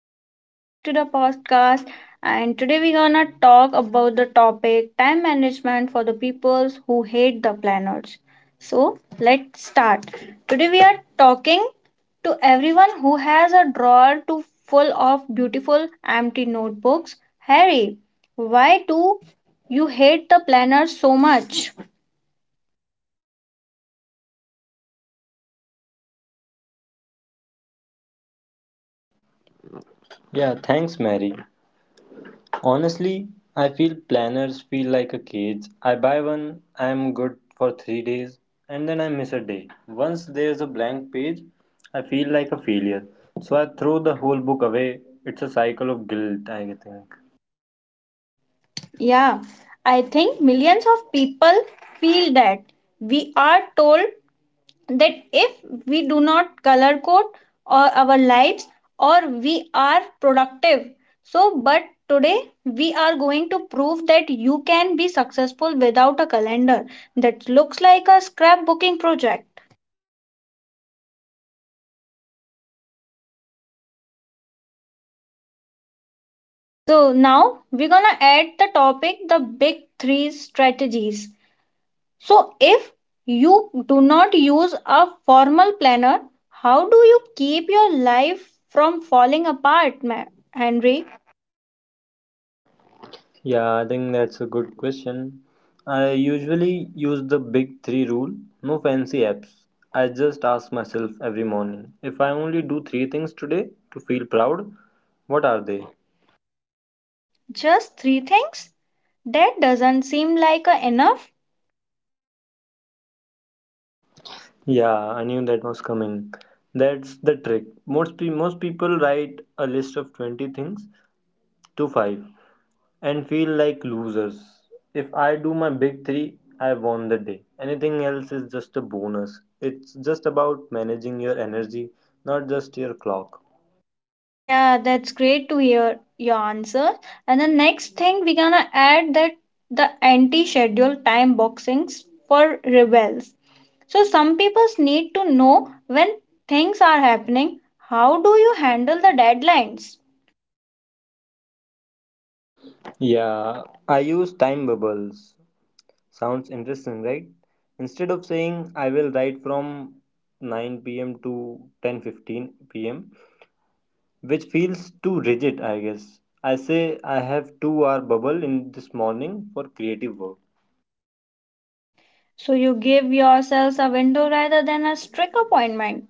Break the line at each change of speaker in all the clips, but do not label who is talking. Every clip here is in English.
welcome back to the podcast. And today we're gonna talk about the topic time management for the peoples who hate the planners. So let's start. Today we are talking to everyone who has a drawer to full of beautiful empty notebooks. Harry, why do you hate the planners so much?
Yeah, thanks, Mary. Honestly, I feel planners feel like a cage. I buy one, I am good for 3 days, and then I miss a day. Once there's a blank page, I feel like a failure. So I throw the whole book away. It's a cycle of guilt, I think.
Yeah, I think millions of people feel that we are told that if we do not color code or our lives or we are productive so but today we are going to prove that you can be successful without a calendar that looks like a scrapbooking project. So now we're gonna add the topic the big three strategies. So if you do not use a formal planner, how do you keep your life from falling apart, Henry?
Yeah, I think that's a good question. I usually use the big three rule, no fancy apps. I just ask myself every morning if I only do three things today to feel proud, what are they?
Just three things? That doesn't seem like a enough.
Yeah, I knew that was coming. That's the trick. Most people write a list of 20 things to 5 and feel like losers. If I do my big 3, I won the day. Anything else is just a bonus. It's just about managing your energy, not just your clock.
Yeah, that's great to hear your answer. And the next thing we're gonna add that the anti-schedule time boxings for rebels. So some people need to know when things are happening. How do you handle the deadlines?
Yeah, I use time bubbles. Sounds interesting, right? Instead of saying I will write from 9 p.m. to 10:15 p.m., which feels too rigid, I guess. I say I have 2 hour bubble in this morning for creative work.
So you give yourselves a window rather than a strict appointment.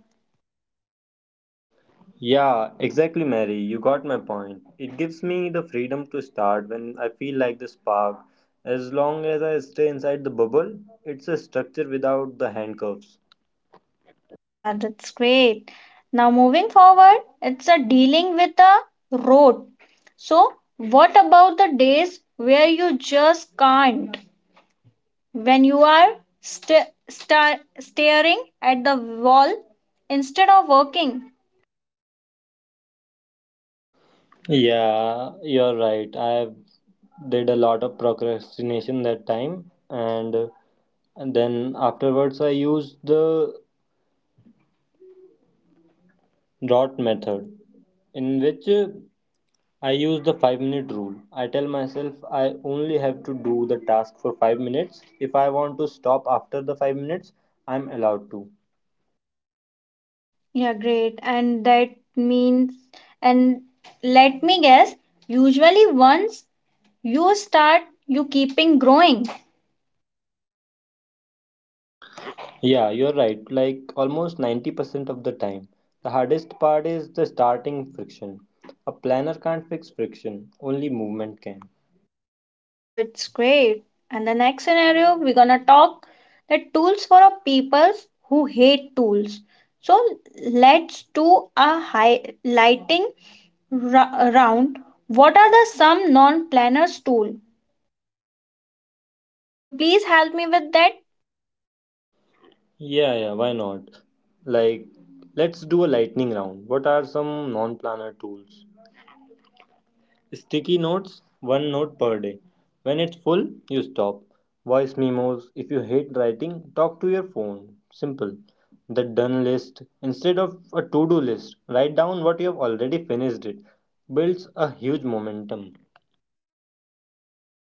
Yeah, exactly, Mary. You got my point. It gives me the freedom to start when I feel like the spark. As long as I stay inside the bubble, it's a structure without the handcuffs.
Yeah, that's great. Now, moving forward, it's a dealing with the road. So, what about the days where you just can't? When you are staring at the wall instead of working?
Yeah, you're right. I have did a lot of procrastination that time, and then afterwards I used the dot method, in which I use the 5-minute rule. I tell myself I only have to do the task for 5 minutes. If I want to stop after the 5 minutes, I'm allowed to.
Yeah, great. And that means, and let me guess, usually once you start, you keeping growing.
Yeah, you're right. Like almost 90% of the time. The hardest part is the starting friction. A planner can't fix friction, only movement can.
Oh, it's great. And the next scenario, we're gonna talk the tools for a peoples who hate tools. So let's do a highlighting round. What are the some non-planners tool? Could you please help me with that?
Yeah, yeah, why not? Like, let's do a lightning round. What are some non planner tools? Sticky notes, one note per day. When it's full, you stop. Voice memos. If you hate writing, talk to your phone. Simple. The done list. Instead of a to do list, write down what you have already finished it. Builds a huge momentum.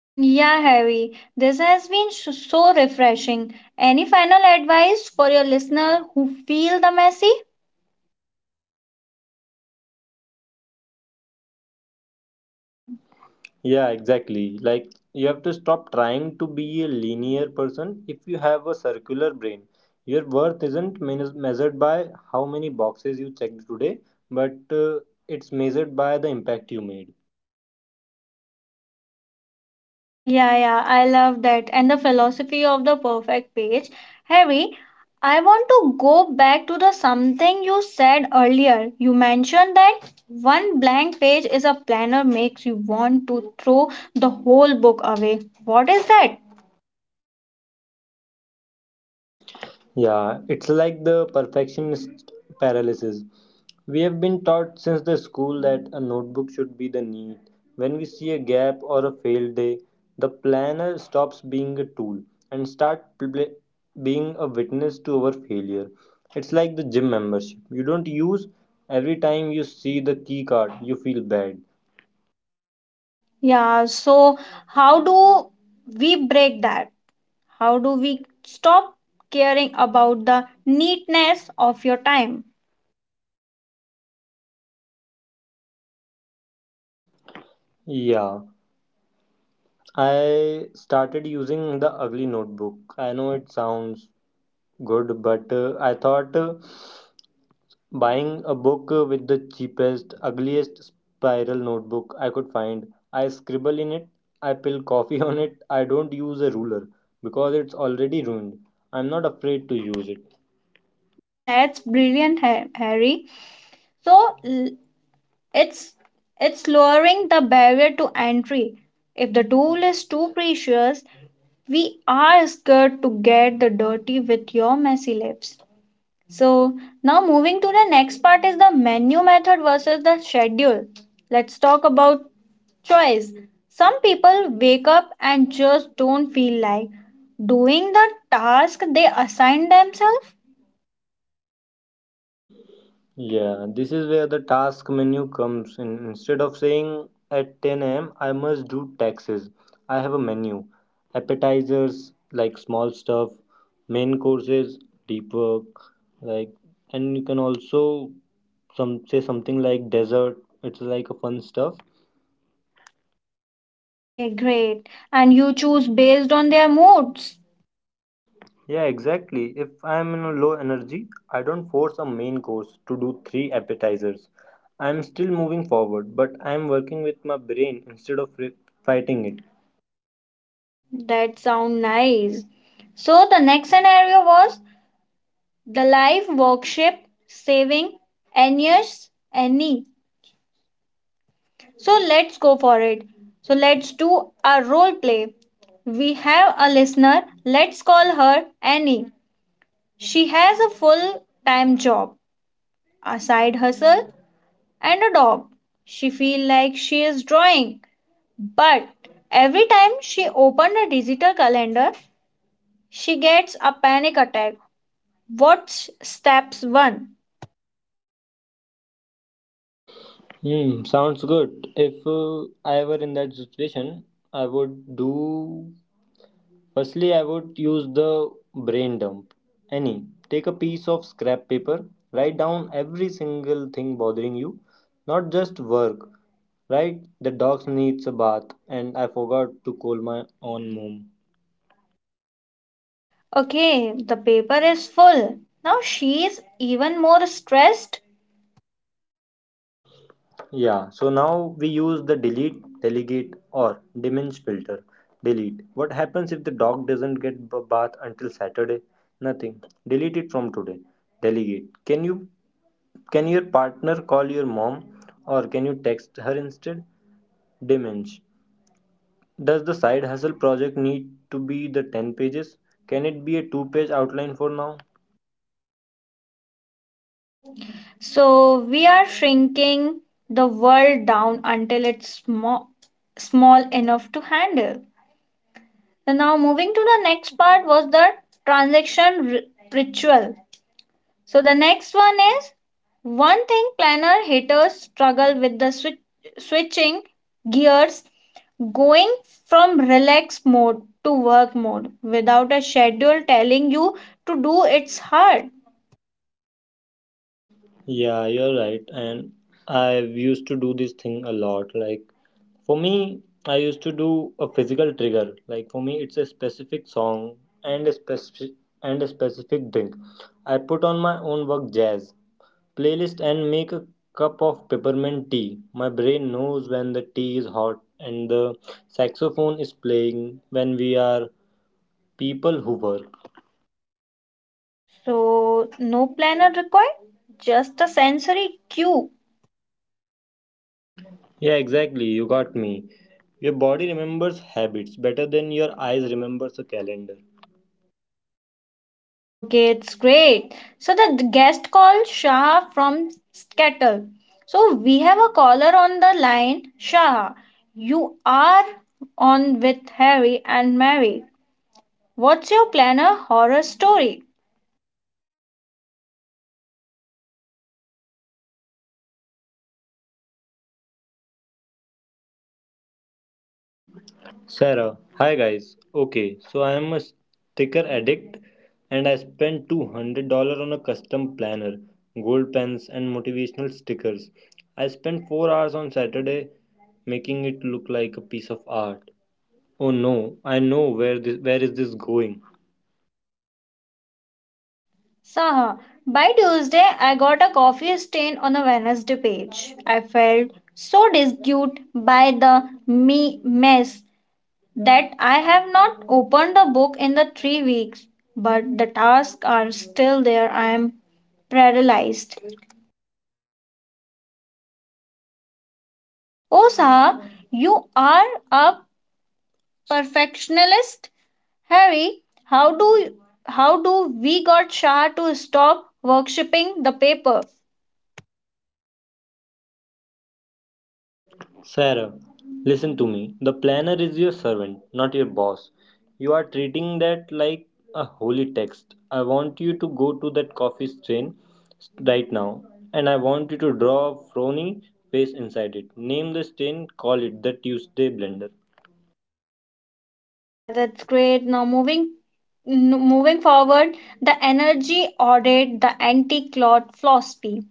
Yeah, Harry. This has been so refreshing. Any final advice for your listener who feel the messy?
Yeah, exactly. Like you have to stop trying to be a linear person if you have a circular brain. Your worth isn't measured by how many boxes you checked today, but it's measured by the impact you made.
Yeah, yeah, I love that. And the philosophy of the perfect page. Harry, I want to go back to the something you said earlier. You mentioned that one blank page is a planner makes you want to throw the whole book away. What is that?
Yeah, it's like the perfectionist paralysis. We have been taught since the school that a notebook should be the need. When we see a gap or a failed day, the planner stops being a tool and start being a witness to our failure. It's like the gym membership. You don't use every time you see the key card, you feel bad.
Yeah, so how do we break that? How do we stop caring about the neatness of your time?
Yeah, I started using the ugly notebook. I know it sounds good, but I thought buying a book with the cheapest, ugliest spiral notebook I could find. I scribble in it, I pill coffee on it, I don't use a ruler because it's already ruined. I'm not afraid to use it.
That's brilliant, Harry. So It's it's lowering the barrier to entry. If the tool is too precious, we are scared to get the dirty with your messy lips. So now moving to the next part is the menu method versus the schedule. Let's talk about choice. Some people wake up and just don't feel like doing the task they assign themselves.
Yeah, this is where the task menu comes in. Instead of saying at 10 a.m., I must do taxes, I have a menu. Appetizers, like small stuff, main courses, deep work, like, and you can also some say something like dessert. It's like a fun stuff.
Okay, great. And you choose based on their moods.
Yeah, exactly. If I'm in a low energy, I don't force a main course to do three appetizers. I'm still moving forward, but I'm working with my brain instead of fighting it.
That sound nice. So the next scenario was the life workshop saving Anya's Annie. So let's go for it. So let's do a role play. We have a listener. Let's call her Annie. She has a full-time job, a side hustle, and a dog. She feel like she is drawing, but every time she opened a digital calendar, she gets a panic attack. What's steps one?
Hmm, sounds good. If I were in that situation, I would do. Firstly, I would use the brain dump. Any. Take a piece of scrap paper, write down every single thing bothering you, not just work. Right? The dog needs a bath, and I forgot to call my own mom.
Okay, the paper is full. Now she is even more stressed.
Yeah, so now we use the delete, delegate, or diminish filter. Delete. What happens if the dog doesn't get bath until Saturday? Nothing. Delete it from today. Delegate. Can your partner call your mom or can you text her instead? Diminish. Does the side hustle project need to be the 10 pages? Can it be a 2-page outline for now?
So we are shrinking the world down until it's small, small enough to handle. So now moving to the next part was the transaction ritual. So the next one is one thing planner haters struggle with switching gears. Going from relax mode to work mode without a schedule telling you to do it's hard.
Yeah, you're right. And I used to do this thing a lot. Like for me, I used to do a physical trigger. Like for me, it's a specific song and a specific and a specific drink. I put on my own work jazz playlist and make a cup of peppermint tea. My brain knows when the tea is hot and the saxophone is playing when we are people who work.
So, no planner required, just a sensory cue.
Yeah, exactly. You got me. Your body remembers habits better than your eyes remembers a calendar.
Okay, it's great. So, the guest called Shah from Skettle. So, we have a caller on the line. Shah, you are on with Harry and Mary. What's your planner horror story?
Sarah, hi guys. Okay, so I am a sticker addict and I spent $200 on a custom planner, gold pens and motivational stickers. I spent 4 hours on Saturday making it look like a piece of art. Oh no, I know where is this going?
So, by Tuesday, I got a coffee stain on the Wednesday page. I felt so disgusted by the me mess that I have not opened the book in the 3 weeks. But the tasks are still there. I am paralyzed. Oh, sir, you are a perfectionist, Harry. How do how do we got Shah to stop worshipping the paper?
Sarah, listen to me. The planner is your servant, not your boss. You are treating that like a holy text. I want you to go to that coffee stain right now, and I want you to draw a frowny face inside it. Name the stain, call it the Tuesday blender.
Yeah, that's great. Now moving moving forward, the energy audit, the anti-clot philosophy.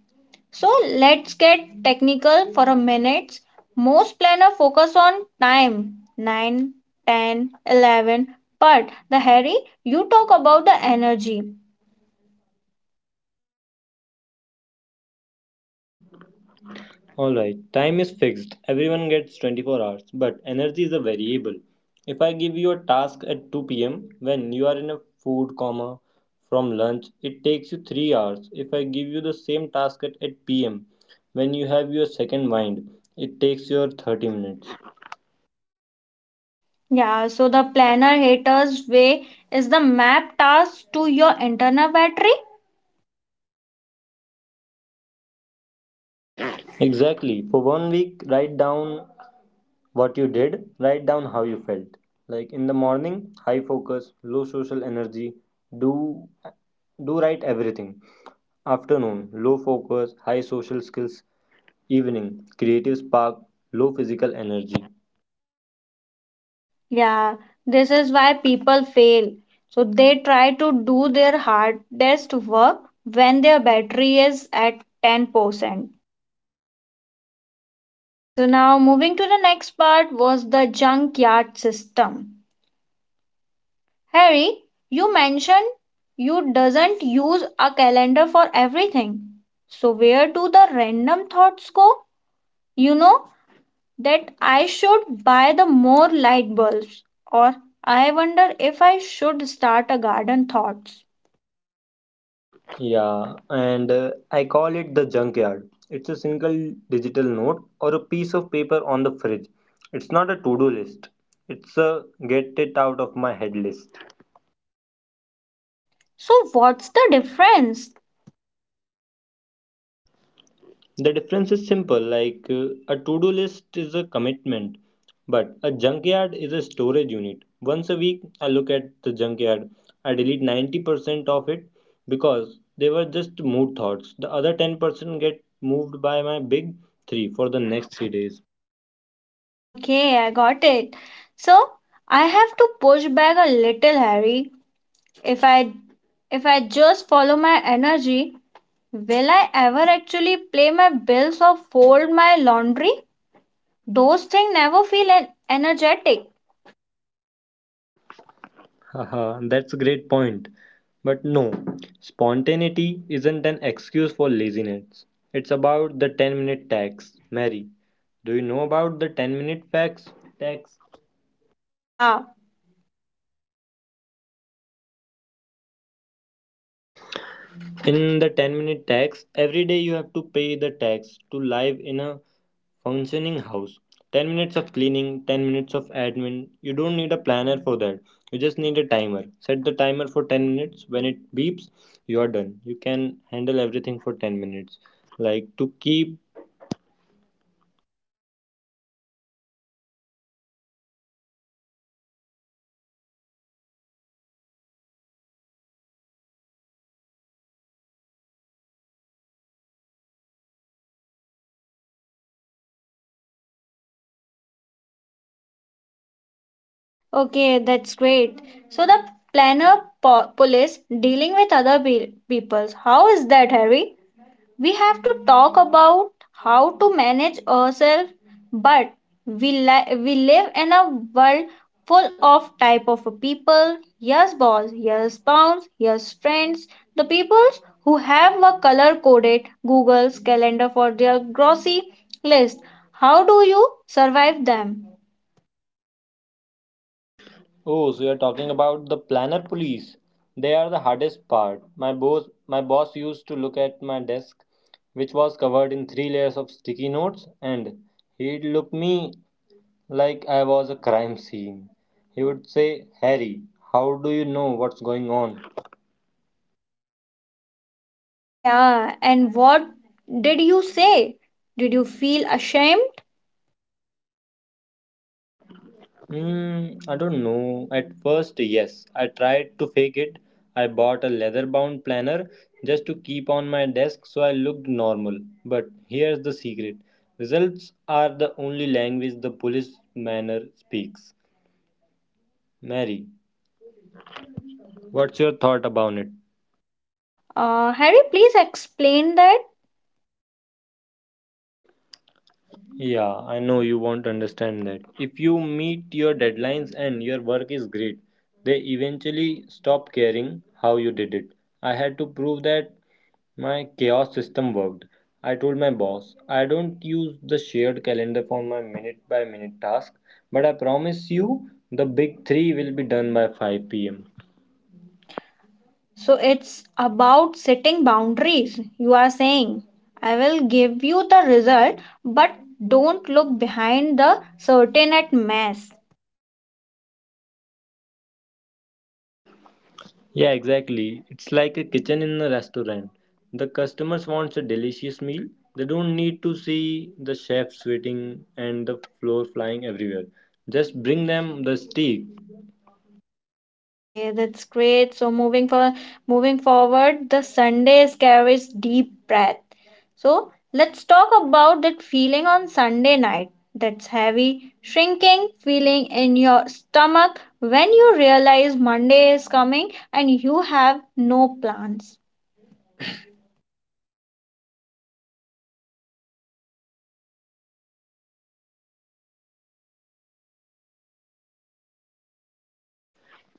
So let's get technical for a minute. Most planner focus on time 9, 10, 11. But the Harry, you talk about the energy.
Alright, time is fixed. Everyone gets 24 hours, but energy is a variable. If I give you a task at 2 p.m. when you are in a food coma from lunch, it takes you 3 hours. If I give you the same task at 8 p.m. when you have your second wind, it takes you 30 minutes.
Yeah, so the planner haters way is the map task to your internal battery.
Exactly. For one week, write down what you did, write down how you felt. Like in the morning, high focus, low social energy, do do write everything. Afternoon, low focus, high social skills. Evening, creative spark, low physical energy.
Yeah, this is why people fail. So they try to do their hardest work when their battery is at 10%. So now moving to the next part was the junkyard system. Harry, you mentioned you doesn't use a calendar for everything. So where do the random thoughts go? You know that I should buy the more light bulbs or I wonder if I should start a garden thoughts.
Yeah, and I call it the junkyard. It's a single digital note or a piece of paper on the fridge. It's not a to do list, it's a get it out of my head list.
So, what's the difference?
The difference is simple like a to do list is a commitment, but a junkyard is a storage unit. Once a week, I look at the junkyard. I delete 90% of it because they were just mood thoughts. The other 10% get moved by my big three for the next 3 days.
Okay, I got it. So, I have to push back a little, Harry. If I if I just follow my energy, will I ever actually pay my bills or fold my laundry? Those things never feel energetic.
Haha, that's a great point. But no, spontaneity isn't an excuse for laziness. It's about the 10-minute tax. Mary, do you know about the 10-minute fax tax?
Yeah,
In the 10-minute tax, every day you have to pay the tax to live in a functioning house. 10 minutes of cleaning, 10 minutes of admin. You don't need a planner for that. You just need a timer. Set the timer for 10 minutes. When it beeps, you are done. You can handle everything for 10 minutes. Like to keep.
okay, that's great. So the planner police dealing with other peoples. How is that, Harry? We have to talk about how to manage ourselves, but we live in a world full of type of people: yes boss, yes spouse, yes friends, the peoples who have a color coded Google's calendar for their grocery list. How do you survive them?
Oh, so you're talking about the planner police. They are the hardest part. My boss used to look at my desk, which was covered in three layers of sticky notes, and he'd look me like I was a crime scene. He would say, Harry, how do you know what's going on?
Yeah, and what did you say? Did you feel ashamed?
Hmm, I don't know. At first, yes, I tried to fake it. I bought a leather bound planner just to keep on my desk so I looked normal. But here's the secret, results are the only language the police manner speaks. Mary, what's your thought about it?
Harry, please explain that.
Yeah, I know you won't understand that. If you meet your deadlines and your work is great, they eventually stop caring how you did it. I had to prove that my chaos system worked. I told my boss, I don't use the shared calendar for my minute by minute task, but I promise you the big three will be done by 5 pm.
So it's about setting boundaries. You are saying, I will give you the result, but don't look behind the certain at mess.
Yeah, exactly. It's like a kitchen in a restaurant. The customers wants a delicious meal. They don't need to see the chef sweating and the floor flying everywhere. Just bring them the steak.
Okay, that's great. So moving forward, the Sundays carries deep breath. So let's talk about that feeling on Sunday night. That's heavy, shrinking feeling in your stomach when you realize Monday is coming and you have no plans.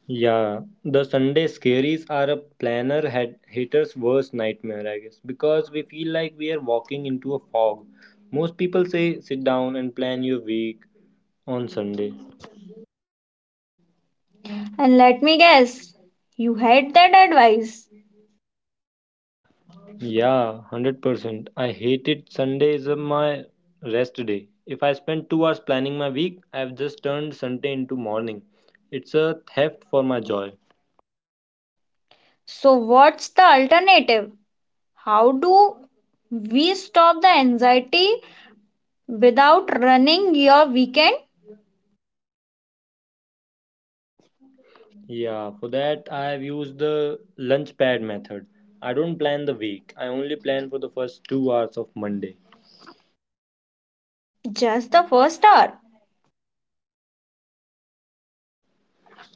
Yeah, the Sunday scaries are a planner hater's worst nightmare, I guess, because we feel like we are walking into a fog. Most people say sit down and plan your week on Sunday.
And let me guess, you hate that advice.
Yeah, 100%. I hated Sundays are my rest day. If I spend 2 hours planning my week, I've just turned Sunday into morning. It's a theft for my joy.
So, what's the alternative? How do we stop the anxiety without running your weekend?
Yeah, for that I've used the lunch pad method. I don't plan the week. I only plan for the first 2 hours of Monday.
Just the first hour?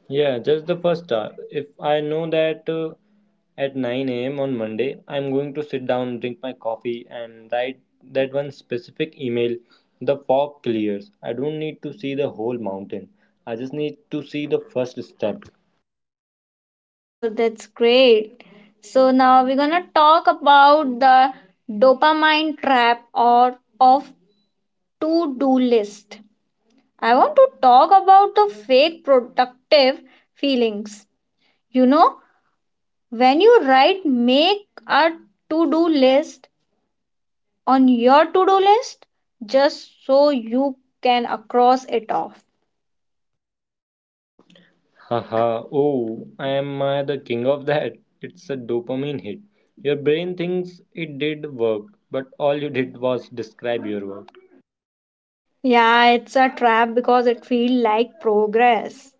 Yeah, just the first hour. If I know that at 9 a.m. on Monday, I'm going to sit down, drink my coffee, and write that one specific email, the fog clears. I don't need to see the whole mountain. I just need to see the first step.
Oh, that's great. So, now we're gonna talk about the dopamine trap or of to do list. I want to talk about the fake productive feelings. You know, when you write, make a to do list on your to do list just so you can cross it off.
Haha, oh, am I the king of that? It's a dopamine hit. Your brain thinks it did work, but all you did was describe your work.
Yeah, it's a trap because it feels like progress.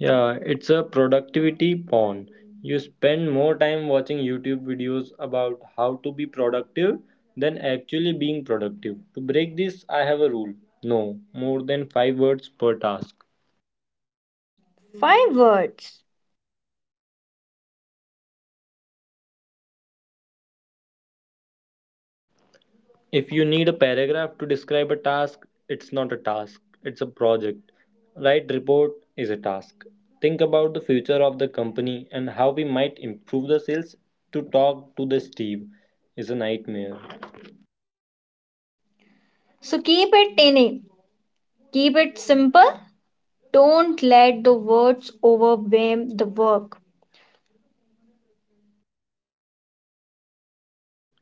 Yeah, it's a productivity porn. You spend more time watching YouTube videos about how to be productive than actually being productive. To break this, I have a rule, no more than 5 words per task.
Five words.
If you need a paragraph to describe a task, it's not a task, it's a project. Write report is a task. Think about the future of the company and how we might improve the sales to talk to the Steve is a nightmare.
So keep it tiny, keep it simple. Don't let the words overwhelm the work.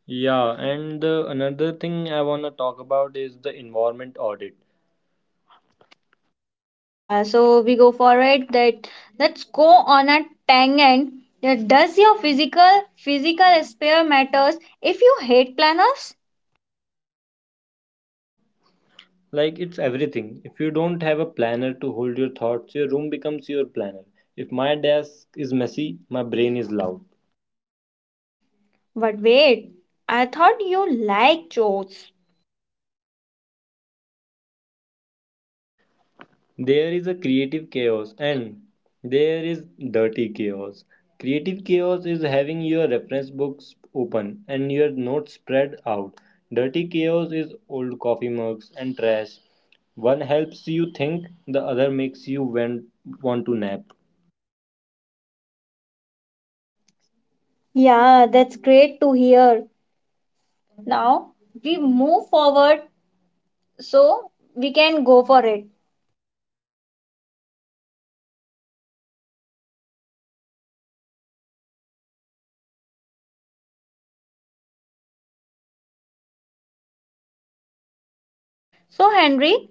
Yeah, and the another thing I want to talk about is the environment audit.
Yeah, so we go for it that let's go on a tangent. Yeah, does your physical spare matters if you hate planners?
Like it's everything. If you don't have a planner to hold your thoughts, your room becomes your planner. If my desk is messy, my brain is loud.
But wait, I thought you like jokes.
There is a creative chaos and there is dirty chaos. Creative chaos is having your reference books open and your notes spread out. Dirty chaos is old coffee mugs and trash. One helps you think, the other makes you want to nap.
Yeah, that's great to hear. Now we move forward so we can go for it. So, Henry,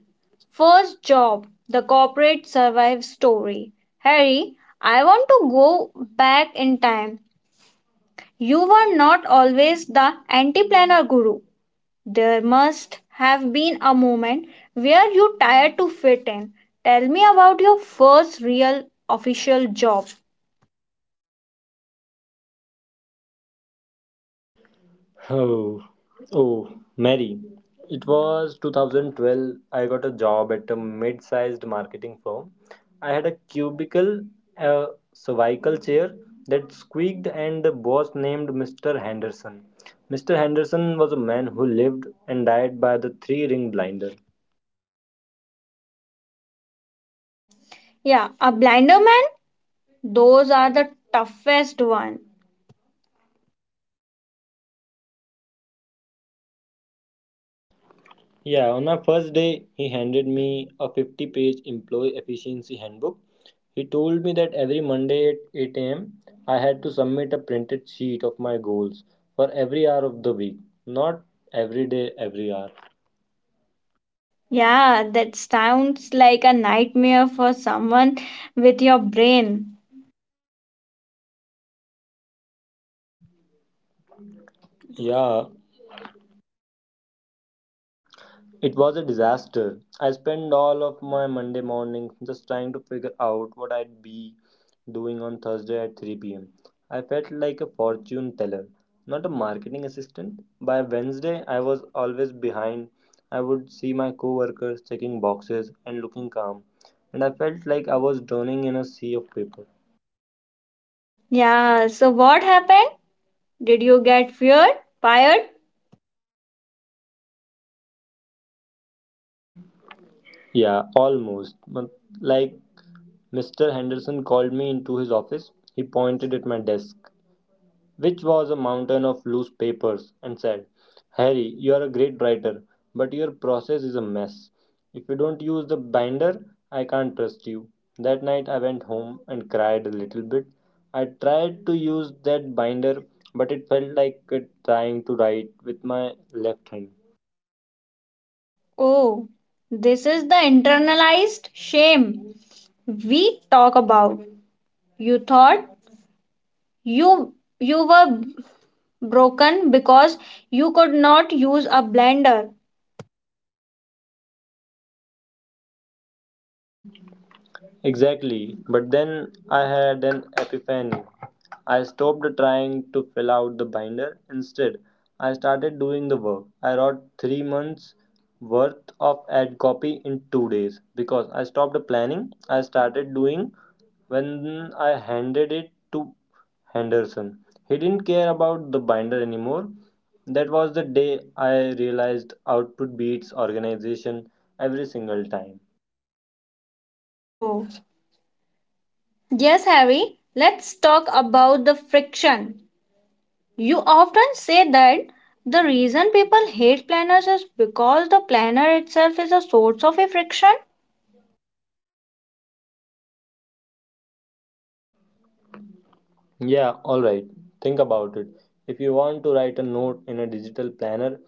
first job, the corporate survive story. Harry, I want to go back in time. You were not always the anti planner guru. There must have been a moment where you tired to fit in. Tell me about your first real official job.
Oh, oh, Mary. It was 2012. I got a job at a mid sized marketing firm. I had a cubicle, a cervical chair that squeaked, and a boss named Mr. Henderson. Mr. Henderson was a man who lived and died by the three ring blinder.
Yeah, a blinder man? Those are the toughest one.
Yeah, on our first day, he handed me a 50-page employee efficiency handbook. He told me that every Monday at 8 a.m., I had to submit a printed sheet of my goals for every hour of the week, not every day, every hour.
Yeah, that sounds like a nightmare for someone with your brain.
Yeah, it was a disaster. I spent all of my Monday morning just trying to figure out what I'd be doing on Thursday at 3 pm. I felt like a fortune teller, not a marketing assistant. By Wednesday, I was always behind. I would see my coworkers checking boxes and looking calm, and I felt like I was drowning in a sea of paper.
Yeah, so what happened? Did you get feared? Fired?
Yeah, almost. But, like, Mr. Henderson called me into his office. He pointed at my desk, which was a mountain of loose papers, and said, "Harry, you are a great writer, but your process is a mess. If you don't use the binder, I can't trust you." That night I went home and cried a little bit. I tried to use that binder, but it felt like trying to write with my left hand.
Oh, this is the internalized shame we talk about. You thought you you were broken because you could not use a blender.
Exactly. But then I had an epiphany. I stopped trying to fill out the binder. Instead, I started doing the work. I wrote 3 months worth of ad copy in 2 days because I stopped planning. I started doing. When I handed it to Henderson, he didn't care about the binder anymore. That was the day I realized output beats organization every single time.
Oh, yes, Harry. Let's talk about the friction. You often say that the reason people hate planners is because the planner itself is a source of a friction.
Yeah, all right. Think about it. If you want to write a note in a digital planner,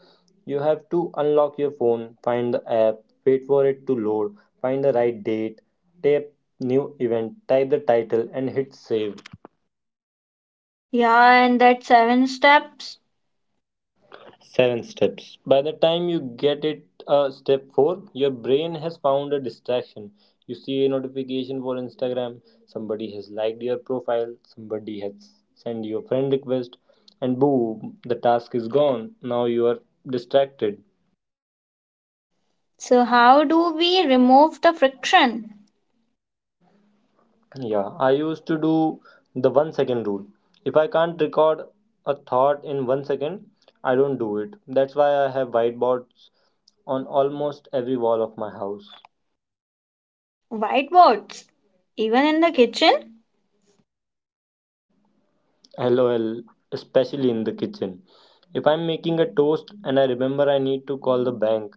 you have to unlock your phone, find the app, wait for it to load, find the right date, tap new event, type the title, and hit save.
Yeah, and that seven steps.
7 steps. By the time you get it, step four, your brain has found a distraction. You see a notification for Instagram, somebody has liked your profile, somebody has sent you a friend request, and boom, the task is gone. Now you are distracted.
So, how do we remove the friction?
Yeah, I used to do the 1 second rule. If I can't record a thought in 1 second, I don't do it. That's why I have whiteboards on almost every wall of my house.
Whiteboards. Even in the kitchen?
LOL, especially in the kitchen. If I'm making a toast and I remember I need to call the bank,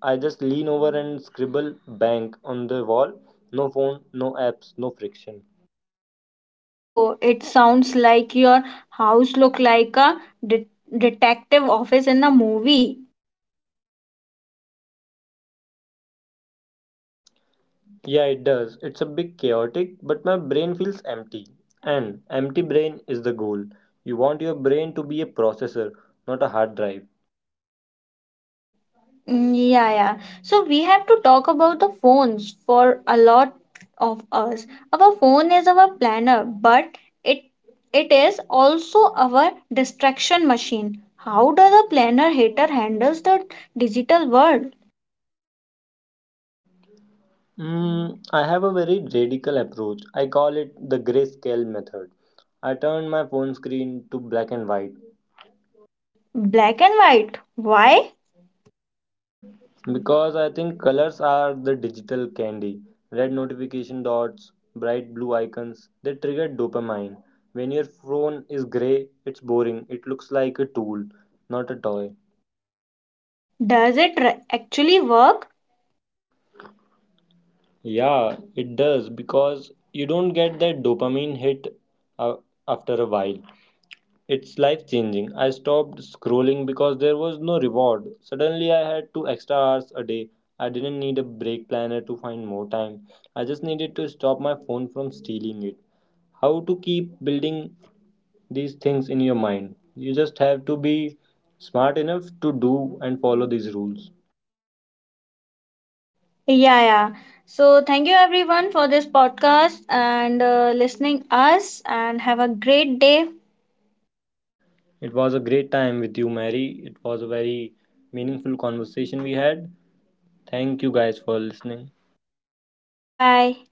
I just lean over and scribble bank on the wall. No phone, no apps, no friction.
Oh, it sounds like your house look like a det- detective office in a movie.
Yeah, it does. It's a bit chaotic, but my brain feels empty. And empty brain is the goal. You want your brain to be a processor, not a hard drive.
Mm, yeah, yeah. So we have to talk about the phones for a lot of us. Our phone is our planner, but it it is also our distraction machine. How does a planner hater handles the digital world?
I have a very radical approach. I call it the grayscale method. I turn my phone screen to black and white.
Black and white. Why?
Because I think colors are the digital candy. Red notification dots, bright blue icons, they trigger dopamine. When your phone is gray, it's boring. It looks like a tool, not a toy.
Does it actually work?
Yeah, it does, because you don't get that dopamine hit uh, after a while. It's life changing. I stopped scrolling because there was no reward. Suddenly, I had 2 extra hours a day. I didn't need a break planner to find more time. I just needed to stop my phone from stealing it. How to keep building these things in your mind? You just have to be smart enough to do and follow these rules.
Yeah, yeah. So thank you everyone for this podcast and listening us and have a great day.
It was a great time with you, Mary. It was a very meaningful conversation we had. Thank you guys for listening.
Bye bye.